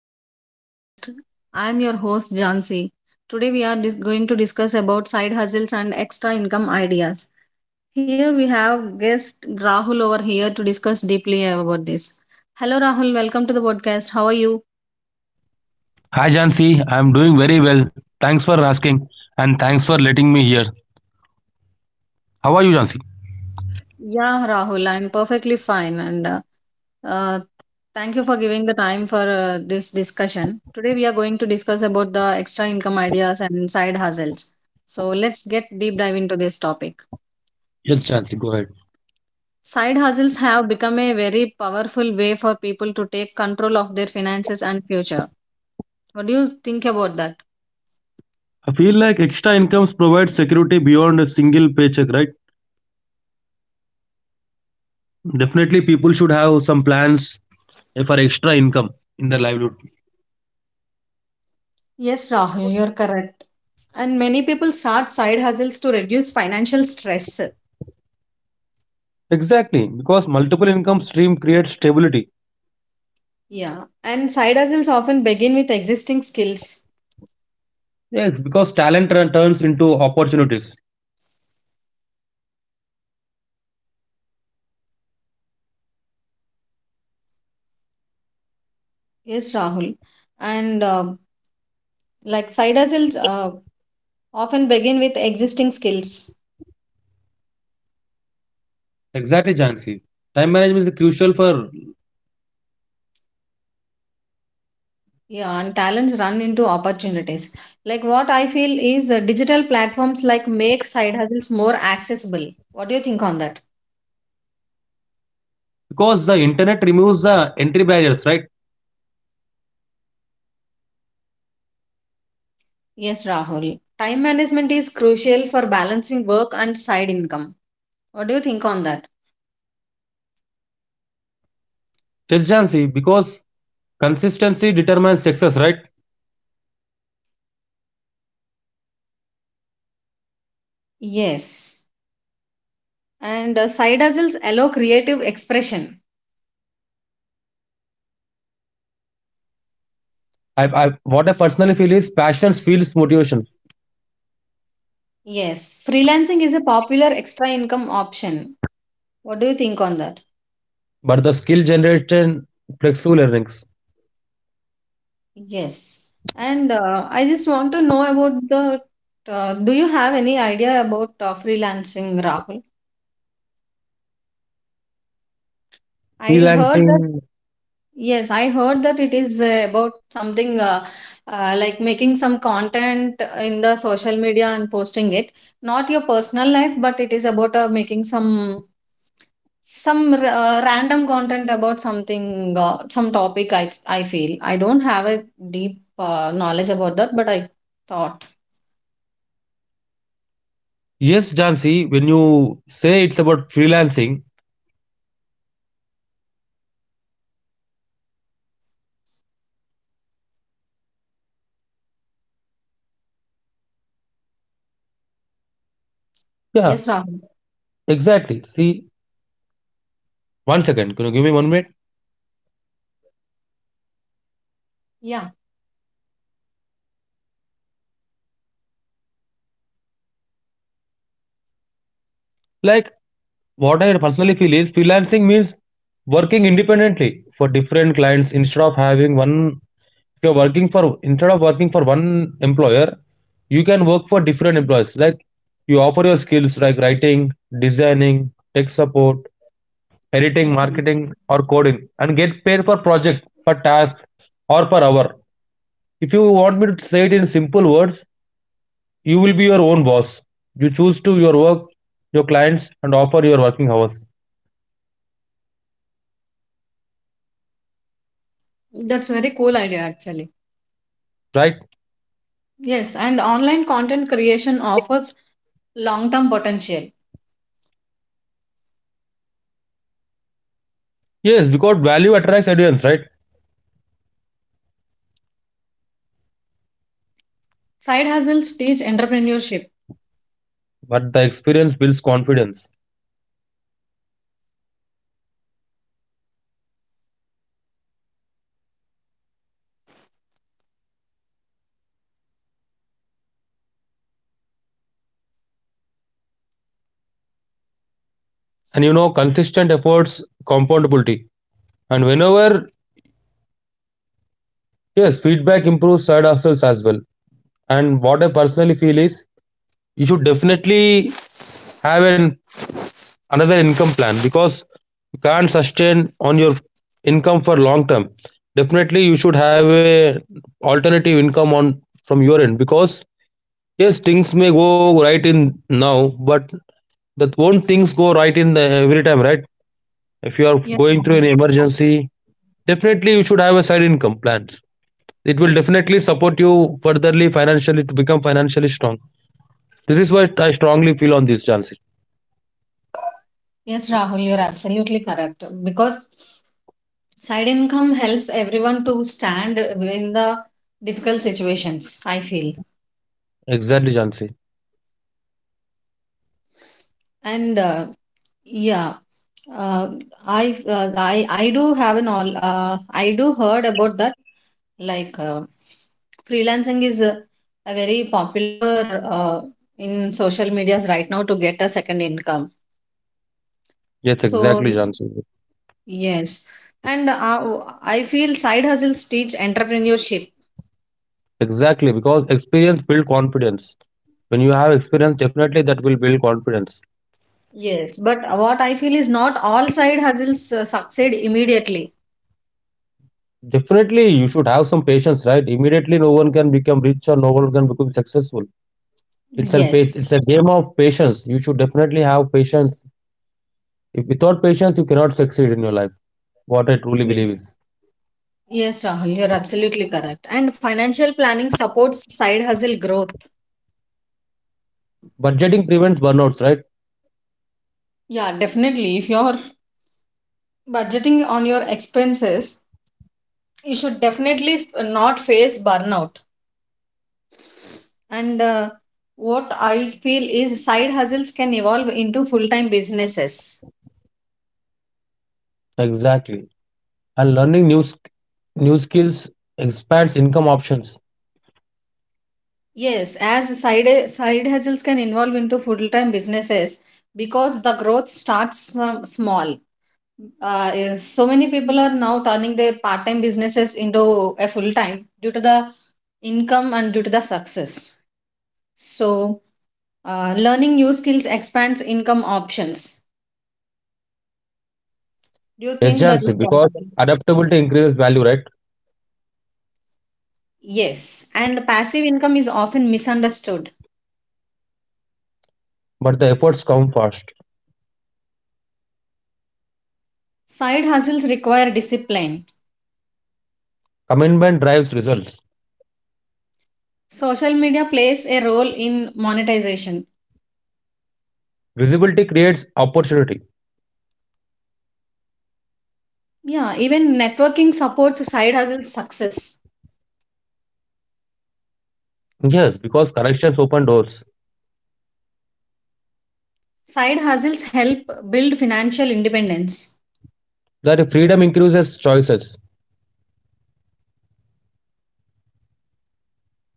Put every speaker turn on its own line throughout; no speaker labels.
welcome to the podcast. I am your host Jansi. Today we are going to discuss about side hustles and extra income ideas. Here we have guest Rahul over here to discuss deeply about this. Hello Rahul, welcome to the podcast. How are you?
Hi Jansi, I am doing very well. Thanks for asking and thanks for letting me here. How are you, Jansi?
Yeah, Rahul, I'm perfectly fine and uh, thank you for giving the time for this discussion. Today we are going to discuss about the extra income ideas and side hustles. So let's get deep dive into this topic.
Yes, Jansi, go ahead.
Side hustles have become a very powerful way for people to take control of their finances and future. What do you think about that?
I feel like extra incomes provide security beyond a single paycheck, right? Definitely, people should have some plans for extra income in their livelihood.
Yes, Rahul, you're correct. And many people start side hustles to reduce financial stress.
Exactly, because multiple income stream creates stability.
Yeah. And side hustles often begin with existing skills.
Yes, because turns into opportunities.
Yes, Rahul. And side hustles often begin with existing skills.
Exactly, Jansi. Time management is crucial for
Yeah, and talents run into opportunities. Like what I feel is digital platforms like make side hustles more accessible. What do you think on that?
because the internet removes the entry barriers, right?
Yes, Rahul. Time management is crucial for balancing work and side income. What do you think on that?
Urgency, because consistency determines success, right?
Yes. And side hustles allow creative expression.
I what I personally feel is passion feels motivation,
Yes. Freelancing is a popular extra income option. What do you think on that?
but the skill generation flexible earnings.
Yes. And I just want to know about the. Do you have any idea about freelancing, Rahul? I heard that,
Freelancing.
yes, I heard that it is about something like making some content in the social media and posting it. Not your personal life, but it is about making some some random content about something, some topic. I feel I don't have a deep knowledge about that, but I thought.
Yes, Jansi, when you say it's about freelancing, yeah,
Yes, Rahul.
exactly. See, one second, can you give me one minute?
Yeah.
Like, what I personally feel is freelancing means working independently for different clients instead of having one if you're working for instead of working for one employer, you can work for different employers, like you offer your skills like writing, designing, tech support, editing,
Okay,
marketing, or coding and get paid per project, per task, or per hour. If you want me to say it in simple words, you will be your own boss. You choose to your work, your clients, and offer your working hours,
that's very cool idea actually.
right?
Yes, and online content creation offers long-term potential.
Yes, because value attracts audience, right?
Side hustles teach entrepreneurship.
But the experience builds confidence, and you know consistent efforts compoundability. And whenever, yes, feedback improves side hustles as well. And what I personally feel is you should definitely have an another income plan because you can't sustain on your income for long term. Definitely you should have a alternative income on from your end, because yes, things may go right in now, but that won't things go right in the, every time, right? If you are
Yes,
going through
Rahul.
an emergency, definitely you should have a side income plans. It will definitely support you furtherly financially to become financially strong. This is what I strongly feel on this, Jansi.
Yes, Rahul, you're absolutely correct. Because side income helps everyone to stand in the difficult situations, I feel.
Exactly, Jansi.
And Yeah, uh, I do have an all. I do heard about that. Like freelancing is a very popular in social medias right now to get a second income.
Yes,
So
exactly, Jansi.
yes, and I feel side hustles teach entrepreneurship.
Exactly, because experience build confidence. When you have experience, definitely that will build confidence.
Yes, but what I feel is not all side hustles succeed immediately.
Definitely, you should have some patience, right? Immediately, no one can become rich or no one can become successful.
Yes.
It's a game of patience. You should definitely have patience. If without patience, you cannot succeed in your life. What I truly believe is
Yes, Rahul, you're absolutely correct. And financial planning supports side hustle growth.
budgeting prevents burnouts, right?
Yeah, definitely. If you're budgeting on your expenses, you should definitely not face burnout. And what I feel is side hustles can evolve into full-time businesses.
Exactly. And learning new new skills expands income options.
Yes, as side hustles can evolve into full-time businesses because the growth starts from small, is so many people are now turning their part-time businesses into a full-time due to the income and due to the success. So learning new skills expands income options. Do you think that is
Agency because
possible?
adaptability increases value, right?
Yes, and passive income is often misunderstood.
But the efforts come first.
Side hustles require discipline.
Commitment drives results.
Social media plays a role in monetization.
Visibility creates opportunity.
Yeah, even networking supports side hustles success.
Yes, because corrections open doors.
Side hustles help build financial independence.
That freedom increases choices.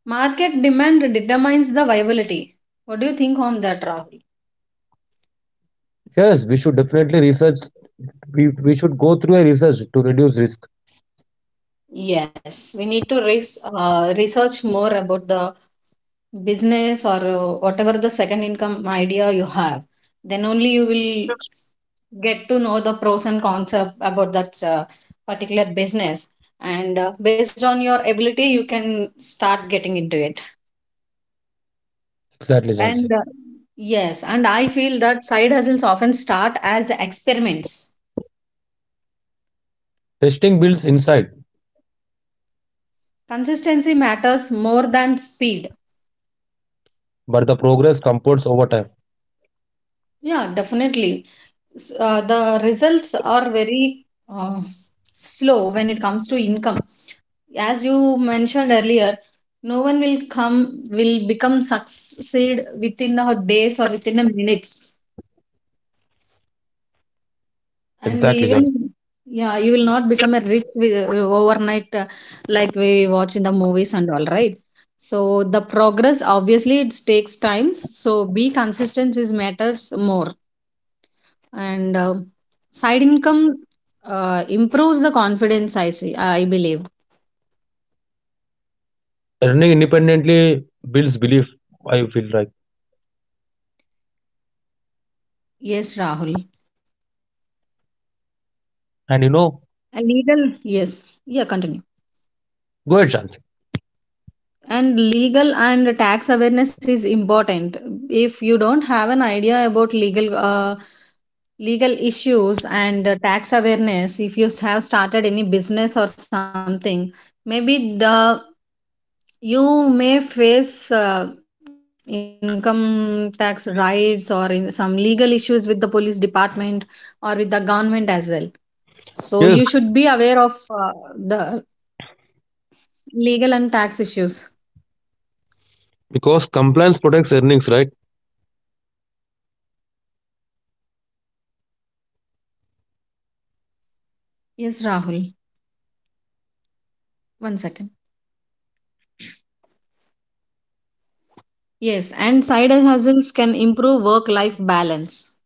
Market demand determines the viability. What do you think on that, Rahul?
Yes, we should definitely research. We should go through a research to reduce risk.
Yes. We need to research more about the business or whatever the second income idea you have. Then only you will get to know the pros and cons of, about that particular business. And based on your ability, you can start getting into it.
Exactly,
And
Jansi.
yes, and I feel that side hustles often start as experiments.
Testing builds insight,
Consistency matters more than speed.
but the progress compounds over time.
Yeah, definitely. The results are very uh, slow when it comes to income. As you mentioned earlier, no one will come will become succeed within a days or within a minutes. And
Exactly, Jansi.
even yeah, you will not become a rich with, overnight like we watch in the movies and all right. So the progress obviously it takes time. So be consistent is matters more and side income improves the confidence. I see. I believe.
Running independently builds belief, I feel like.
Yes, Rahul.
And you
A
know,
legal. Yes. Yeah. Continue.
go ahead, Shansi.
And legal and tax awareness is important. If you don't have an idea about legal legal issues and tax awareness, if you have started any business or something, maybe the you may face income tax rights or in some legal issues with the police department or with the government as well. So you should be
Yes,
aware of the legal and tax issues.
because compliance protects earnings, right?
Yes, Rahul, one second. Yes, and side hustles can improve work life balance.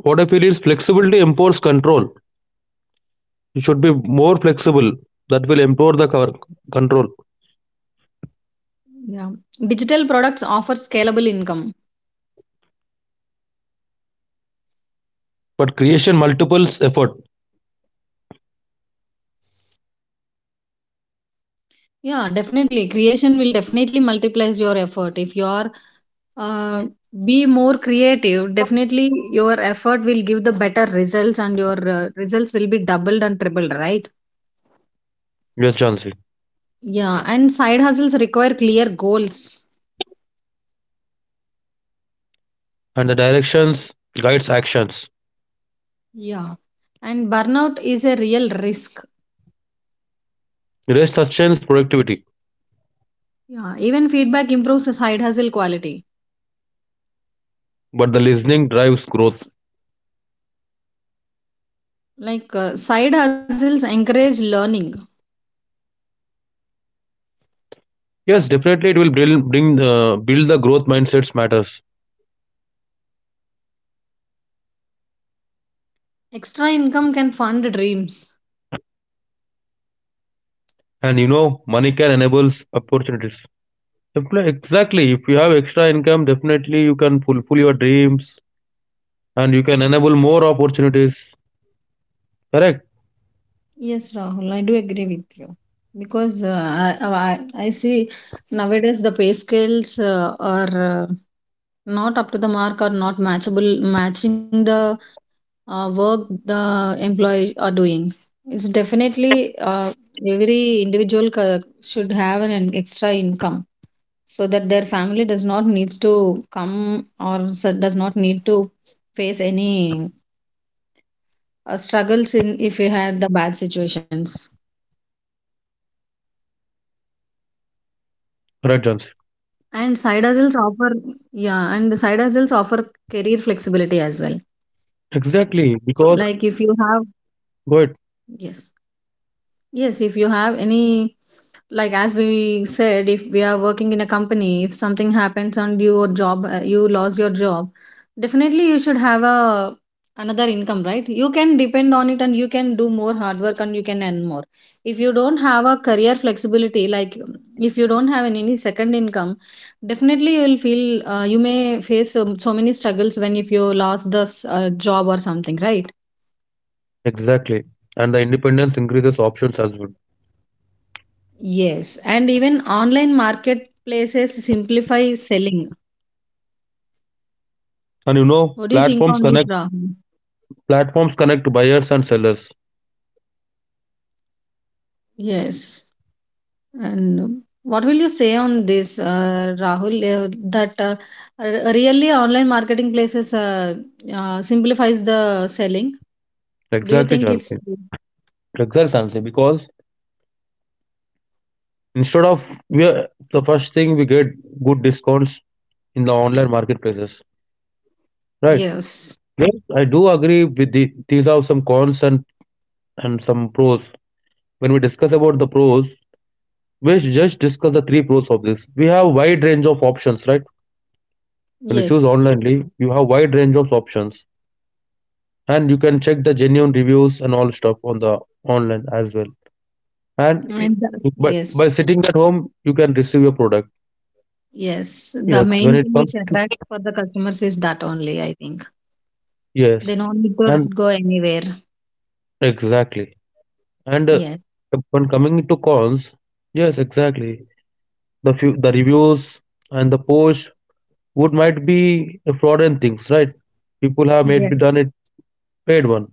What I feel is flexibility empowers control. You should be more flexible. That will empower the control.
Yeah. Digital products offer scalable income.
But creation multiples effort.
Yeah, definitely. Creation will definitely multiplies your effort. If you are uh, be more creative, definitely your effort will give the better results and your results will be doubled and tripled, right?
Yes, Jansi.
Yeah, and side hustles require clear goals.
And the directions guides actions.
Yeah. And burnout is a real risk.
Rest sustains productivity,
Yeah, even feedback improves the side hustle quality.
but the listening drives growth.
Like side hustles encourage learning.
Yes, definitely it will bring, build the growth mindsets matters.
Extra income can fund dreams.
And you know, money can enable opportunities. Definitely, exactly. If you have extra income, definitely you can fulfill your dreams and you can enable more opportunities. Correct?
Yes, Rahul, I do agree with you because I see nowadays the pay scales are not up to the mark or not matchable matching the work the employees are doing. It's definitely every individual should have an extra income so that their family does not needs to come or does not need to face any struggles in if you had the bad situations.
Right, Jansi.
And side hustles offer, yeah, and the side hustles offer career flexibility as well.
Exactly. Because,
Like if you have
go ahead.
yes. Yes, if you have any, like as we said, if we are working in a company, if something happens on your job, you lost your job, definitely you should have a another income, right? You can depend on it and you can do more hard work and you can earn more. If you don't have a career flexibility, like if you don't have any second income, definitely you will feel you may face so many struggles when if you lost this job or something, right?
Exactly. And the independence increases options as well.
Yes, and even online marketplaces simplify selling.
And you know,
What do you think on this, Rahul?
platforms connect buyers and sellers.
Yes, and what will you say on this, Rahul? Uh, that r- really online marketing places simplifies the selling. Do you
Exactly,
think it's
Jansi.
true?
Exactly, Jansi. Because instead of we are, the first thing we get good discounts in the online marketplaces. Right.
Yes,
Yes, I do agree with the, these are some cons, and some pros. When we discuss about the pros, we just discuss the three pros of this. We have wide range of options, right? When you choose
yes,
onlinely, you have wide range of options, and you can check the genuine reviews and all stuff on the online as well. And
and the-
by
yes,
sitting at home you can receive your product.
yes? The
Yes, when
main
it
thing which
comes to
attracts for the customers is that only. I think they
yes
don't need to
and
go anywhere.
exactly and
Yes,
when coming to cons, yes exactly, the few the reviews and the posts would might be fraudulent things, right? People have made done it, paid one.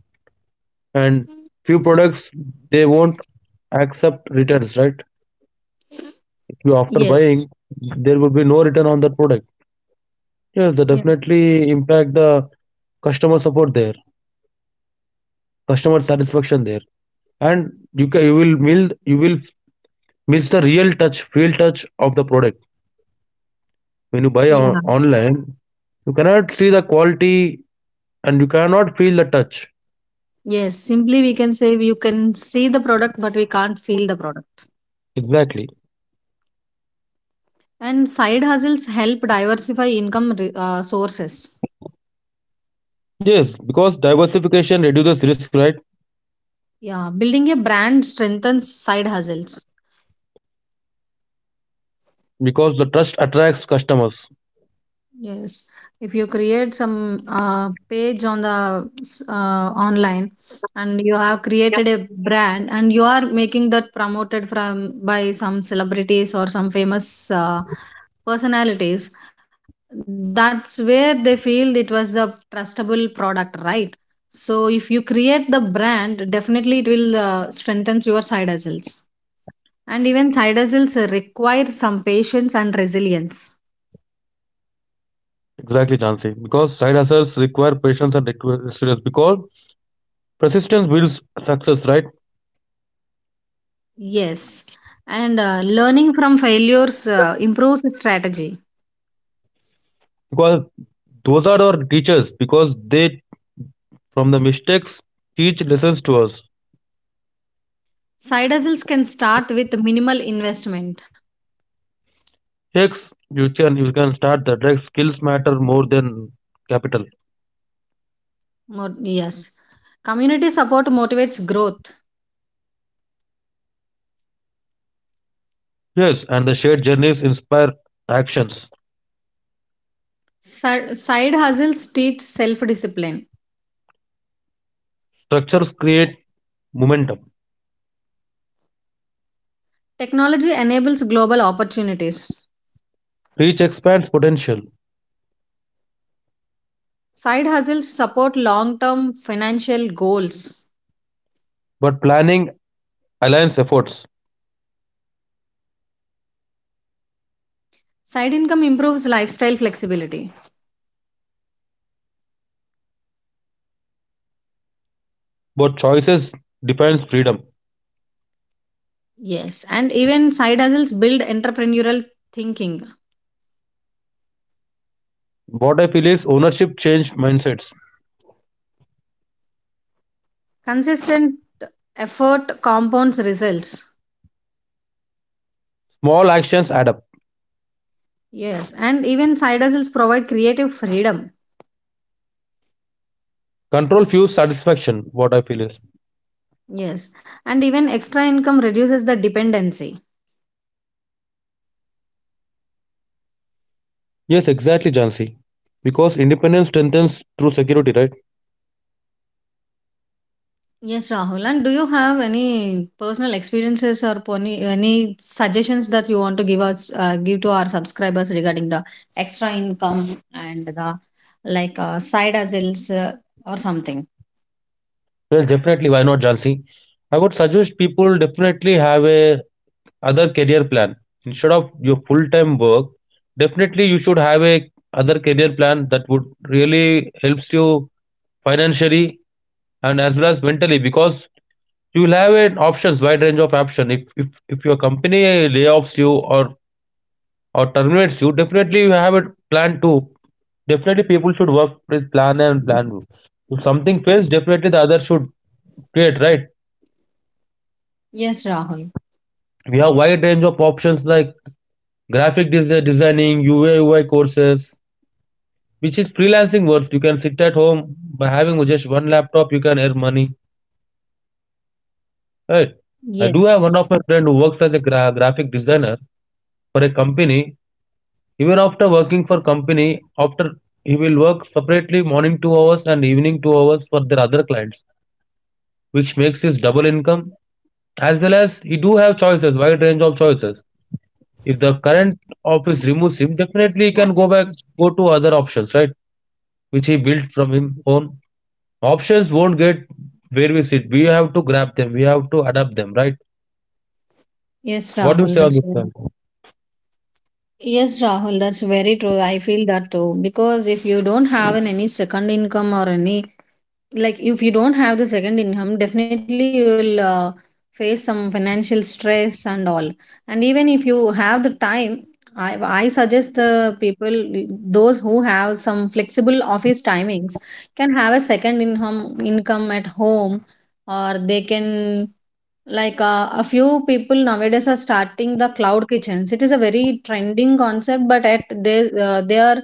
And few products, they won't accept returns, right? If you after
yes,
buying, there will be no return on that product. Yeah, that
yes.
definitely impact the customer support there, customer satisfaction there, and you will mill you will miss the real touch, feel touch of the product when you buy
Yeah.
on, online. You cannot see the quality and you cannot feel the touch,
Yes. Simply, we can say you can see the product, but we can't feel the product.
exactly.
And side hustles help diversify income sources.
Yes, because diversification reduces risk, right?
Yeah. Building a brand strengthens side hustles.
Because the trust attracts customers.
Yes, if you create some page on the online and you have created a brand and you are making that promoted from by some celebrities or some famous personalities, that's where they feel it was the trustable product, right? So if you create the brand, definitely it will strengthen your side hustles. And even side hustles require some patience and resilience.
Exactly, Jansi. Because side hustles require patience and resilience. Because persistence builds success, right?
Yes, and learning from failures improves the strategy.
Because those are our teachers. Because they, from the mistakes, teach lessons to us.
Side hustles can start with minimal investment.
Yes, you can start that. Like skills matter more than capital.
Yes, community support motivates growth.
Yes, and the shared journeys inspire actions.
Side hustles teach self discipline.
Structures create momentum.
Technology enables global opportunities.
Reach expands potential,
Side hustles support long term financial goals.
but planning aligns efforts.
Side income improves lifestyle flexibility.
But choices defines freedom.
Yes, and even side hustles build entrepreneurial thinking.
What I feel is ownership changed mindsets.
Consistent effort compounds results.
Small actions add up.
Yes, and even side hustles provide creative freedom.
Control fuels satisfaction, what I feel is.
Yes, and even extra income reduces the dependency.
Yes, exactly, Jansi. Because independence strengthens through security, right?
Yes, Rahul, and do you have any personal experiences or pony, any suggestions that you want to give us give to our subscribers regarding the extra income and the like side hustles or something?
Well, definitely, why not, Jansi? I would suggest people definitely have a other career plan. Instead of your full-time work, definitely you should have a other career plan that would really helps you financially and as well as mentally, because you will have an options wide range of option if if your company layoffs you or terminates you, definitely you have a plan too. Definitely people should work with plan A and plan B. If something fails, definitely the other should create, right?
Yes, Rahul.
We have wide range of options like designing, UA, courses, which is freelancing works. You can sit at home by having just one laptop, you can earn money, right? I do
Yes.
have one of my friend who works as a graphic designer for a company. Even after working for company, after he will work separately morning 2 hours and evening 2 hours for their other clients, which makes his double income. As well as he do have choices, wide range of choices. If the current office removes him, definitely he can go back, go to other options, right? Which he built from his own. Options won't get where we sit. We have to grab them. We have to adapt them, right?
Yes,
What do you
Rahul,
say on
that's
this? Sir?
Yes, Rahul, that's very true. I feel that too. Because if you don't have an, any second income or any, like if you don't have the second income, definitely you will face some financial stress and all. And even if you have the time, I suggest the people those who have some flexible office timings can have a second income at home, or they can like a few people nowadays are starting the cloud kitchens. It is a very trending concept, but at they are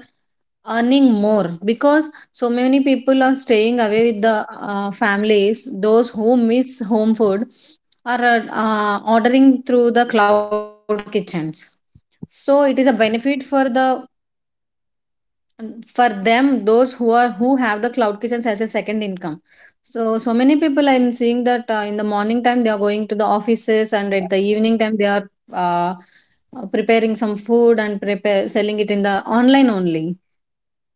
earning more because so many people are staying away with the families. Those who miss home food are ordering through the cloud kitchens. So it is a benefit for the for them those who are who have the cloud kitchens as a second income. So many people I'm seeing that in the morning time they are going to the offices and at the evening time they are uh, preparing some food and prepare selling it in the online only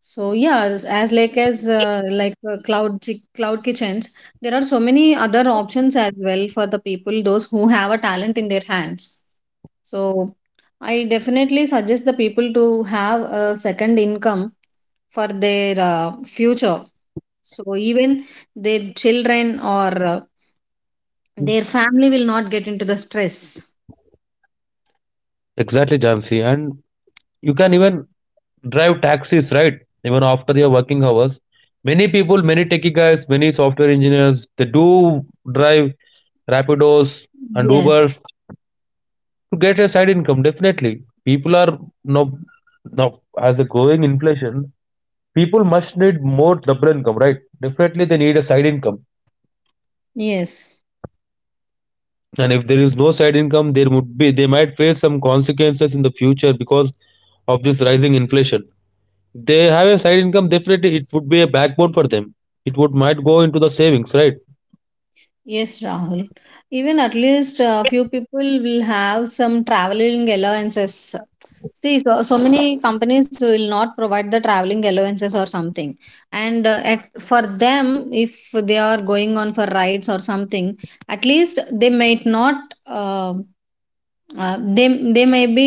so yeah, as like cloud chi- cloud kitchens, there are so many other options as well for the people those who have a talent in their hands. So I definitely suggest the people to have a second income for their future. So even their children or their family will not get into the stress.
Exactly, Jansi. And you can even drive taxis, right? Even after your working hours. Many people, many techie guys, many software engineers, they do drive Rapidos and
Yes.
Ubers to get a side income. Definitely people are no no as a growing inflation, people must need more double income, right? Definitely they need a side income,
Yes.
and if there is no side income, there would be they might face some consequences in the future because of this rising inflation. If they have a side income, definitely it would be a backbone for them. It would might go into the savings, right?
Yes, Rahul. Even at least a few people will have some traveling allowances. See, so many companies will not provide the traveling allowances or something. And at, for them, if they are going on for rides or something, at least they might not. Uh, they may be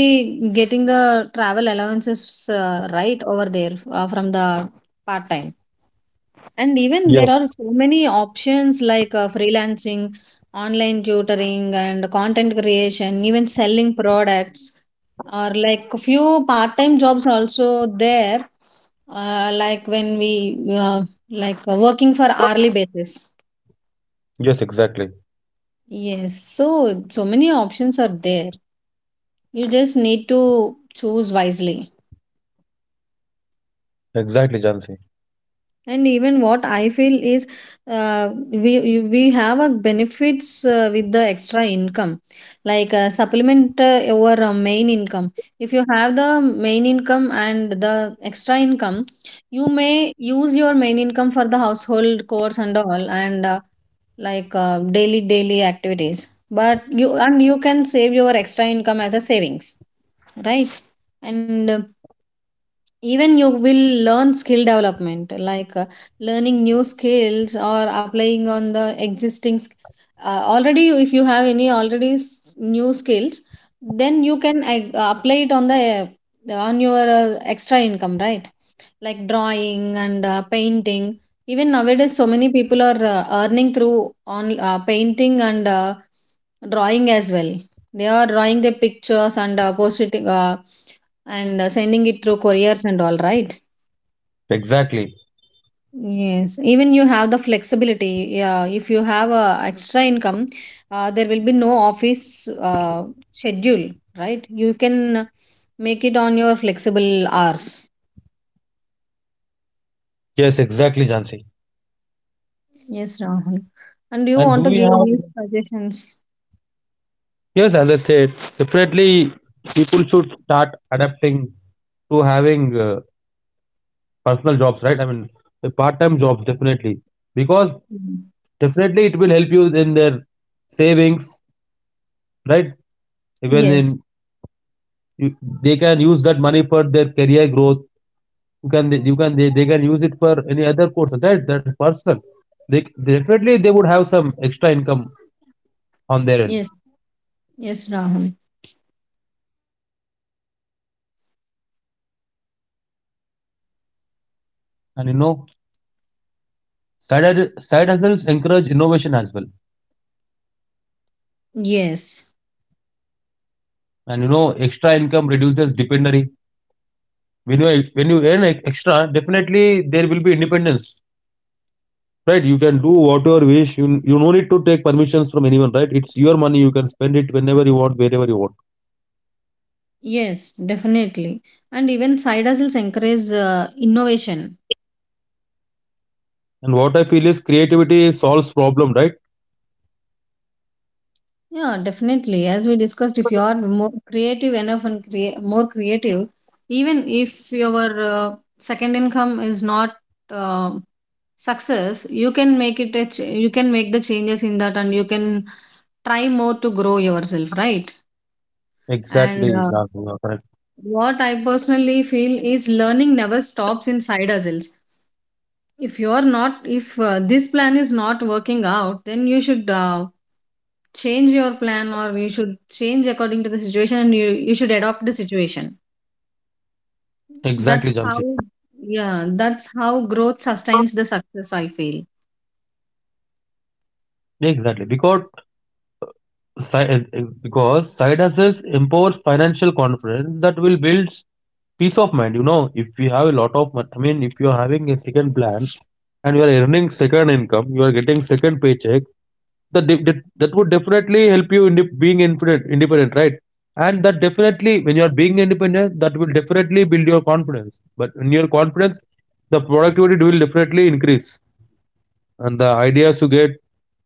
getting the travel allowances right over there from the part time. And even there are
Yes,
so many options like freelancing, online tutoring, and content creation, even selling products, or like few part time jobs also there, like when we working for hourly basis.
yes exactly,
Yes, so so many options are there. You just need to choose wisely.
exactly Jansi,
And even what I feel is, uh, we have a benefits with the extra income, like supplement your main income. If you have the main income and the extra income, you may use your main income for the household chores and all, and daily daily activities. But you can save your extra income as a savings, right? And even you will learn skill development like learning new skills or applying on the existing already if you have any already new skills, then you can apply it on the on your extra income, right? Like drawing and painting. Even nowadays so many people are earning through on painting and drawing as well. They are drawing their pictures and posting and sending it through couriers and all, right?
exactly.
Yes, even you have the flexibility. Yeah, if you have a extra income, there will be no office schedule, right? You can make it on your flexible hours.
Yes, exactly, Jansi.
Yes, Rahul, and do you
And do
want to
we
give
have
any suggestions?
yes, as I said, definitely people should start adapting to having personal jobs, right? I mean, the part-time jobs, definitely, because
Mhm.
definitely it will help you in their savings, right? Even
Yes.
in you, they can use that money for their career growth. They can use it for any other course. That that's personal. They definitely they would have some extra income on their end,
Yes, yes, Rahul.
and you know, side hustles encourage innovation as well,
Yes,
and you know, extra income reduces dependency when you when you earn extra. Definitely there will be independence, right? You can do whatever wish you, you no need to take permissions from anyone, right? It's your money, you can spend it whenever you want, wherever you want.
yes, definitely. And even side hustles encourage innovation.
And what I feel is creativity solves problem, right?
Yeah, definitely. As we discussed, if you are more creative enough and more creative, even if your second income is not uh, success, you can make it a you can make the changes in that, and you can try more to grow yourself, right? And
Exactly, Jansi, you are correct.
what I personally feel is learning never stops inside ourselves. If you are not, if this plan is not working out, then you should. Change your plan or you should change according to the situation and you should adopt the situation.
Exactly,
That's how,
Jansi.
yeah, that's how growth sustains the success, I feel.
Exactly, because because side hustles empowers financial confidence, that will build peace of mind. You know, if you have a lot of I mean, if you are having a second plan and you are earning second income, you are getting second paycheck, that would definitely help you in the being independent, right? And that definitely, when you are being independent, that will definitely build your confidence. But in your confidence, the productivity will definitely increase, and the ideas you get,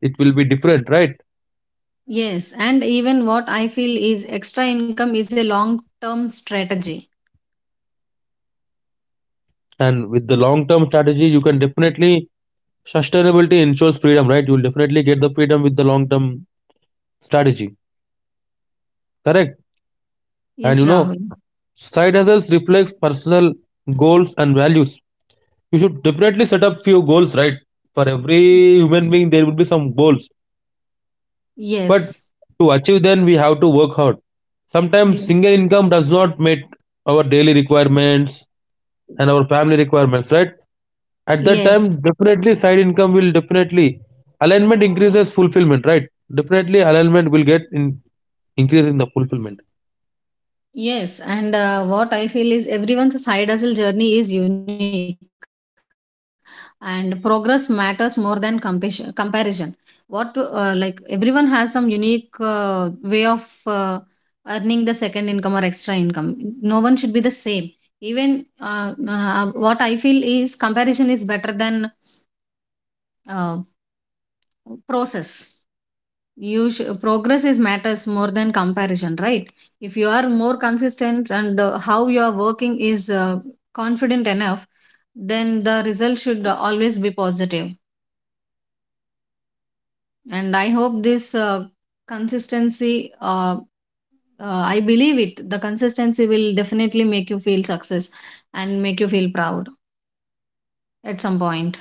it will be different, right?
Yes, and even what I feel is extra income is a long term strategy.
And with the long-term strategy, you can definitely sustainability ensures freedom, right? You will definitely get the freedom with the long-term strategy, correct?
Yes,
And you know,
Rahul.
side hustles reflects personal goals and values. You should definitely set up few goals, right? For every human being, there will be some goals, but
Yes.
to achieve them we have to work hard. Sometimes
Yes,
single income does not meet our daily requirements and our family requirements, right? At that time
yes.
definitely side income will definitely alignment increases fulfillment, right? Definitely alignment will get in increase in the fulfillment.
Yes, and what I feel is everyone's side hustle journey is unique, and progress matters more than compassion, comparison. What like everyone has some unique way of earning the second income or extra income. No one should be the same. Even what I feel is comparison is better than uh, process. Progress is matters more than comparison, right? If you are more consistent and how you are working is confident enough, then the result should always be positive positive. And I hope this consistency I believe it, the consistency will definitely make you feel success and make you feel proud at some point.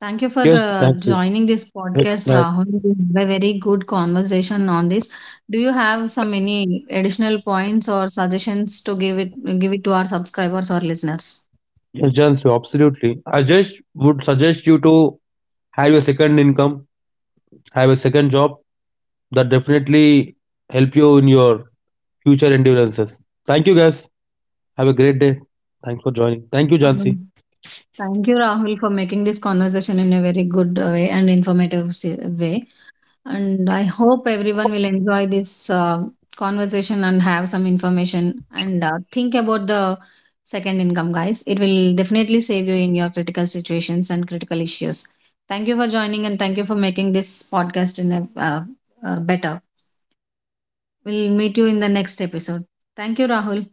Thank you for
Yes, Nancy.
joining this
That's
podcast,
right.
Rahul. We had a very good conversation on this. Do you have some any additional points or suggestions to give it to our subscribers or listeners?
Yes, John, so absolutely. I just would suggest you to have a second income, have a second job, that definitely help you in your future endurances. Thank you guys. Have a great day. Thanks for joining. Thank you, Jansi.
Um, Thank you, Rahul, for making this conversation in a very good way and informative way. And I hope everyone will enjoy this conversation and have some information and think about the second income, guys. It will definitely save you in your critical situations and critical issues. Thank you for joining and thank you for making this podcast in a, better. We'll meet you in the next episode. Thank you, Rahul.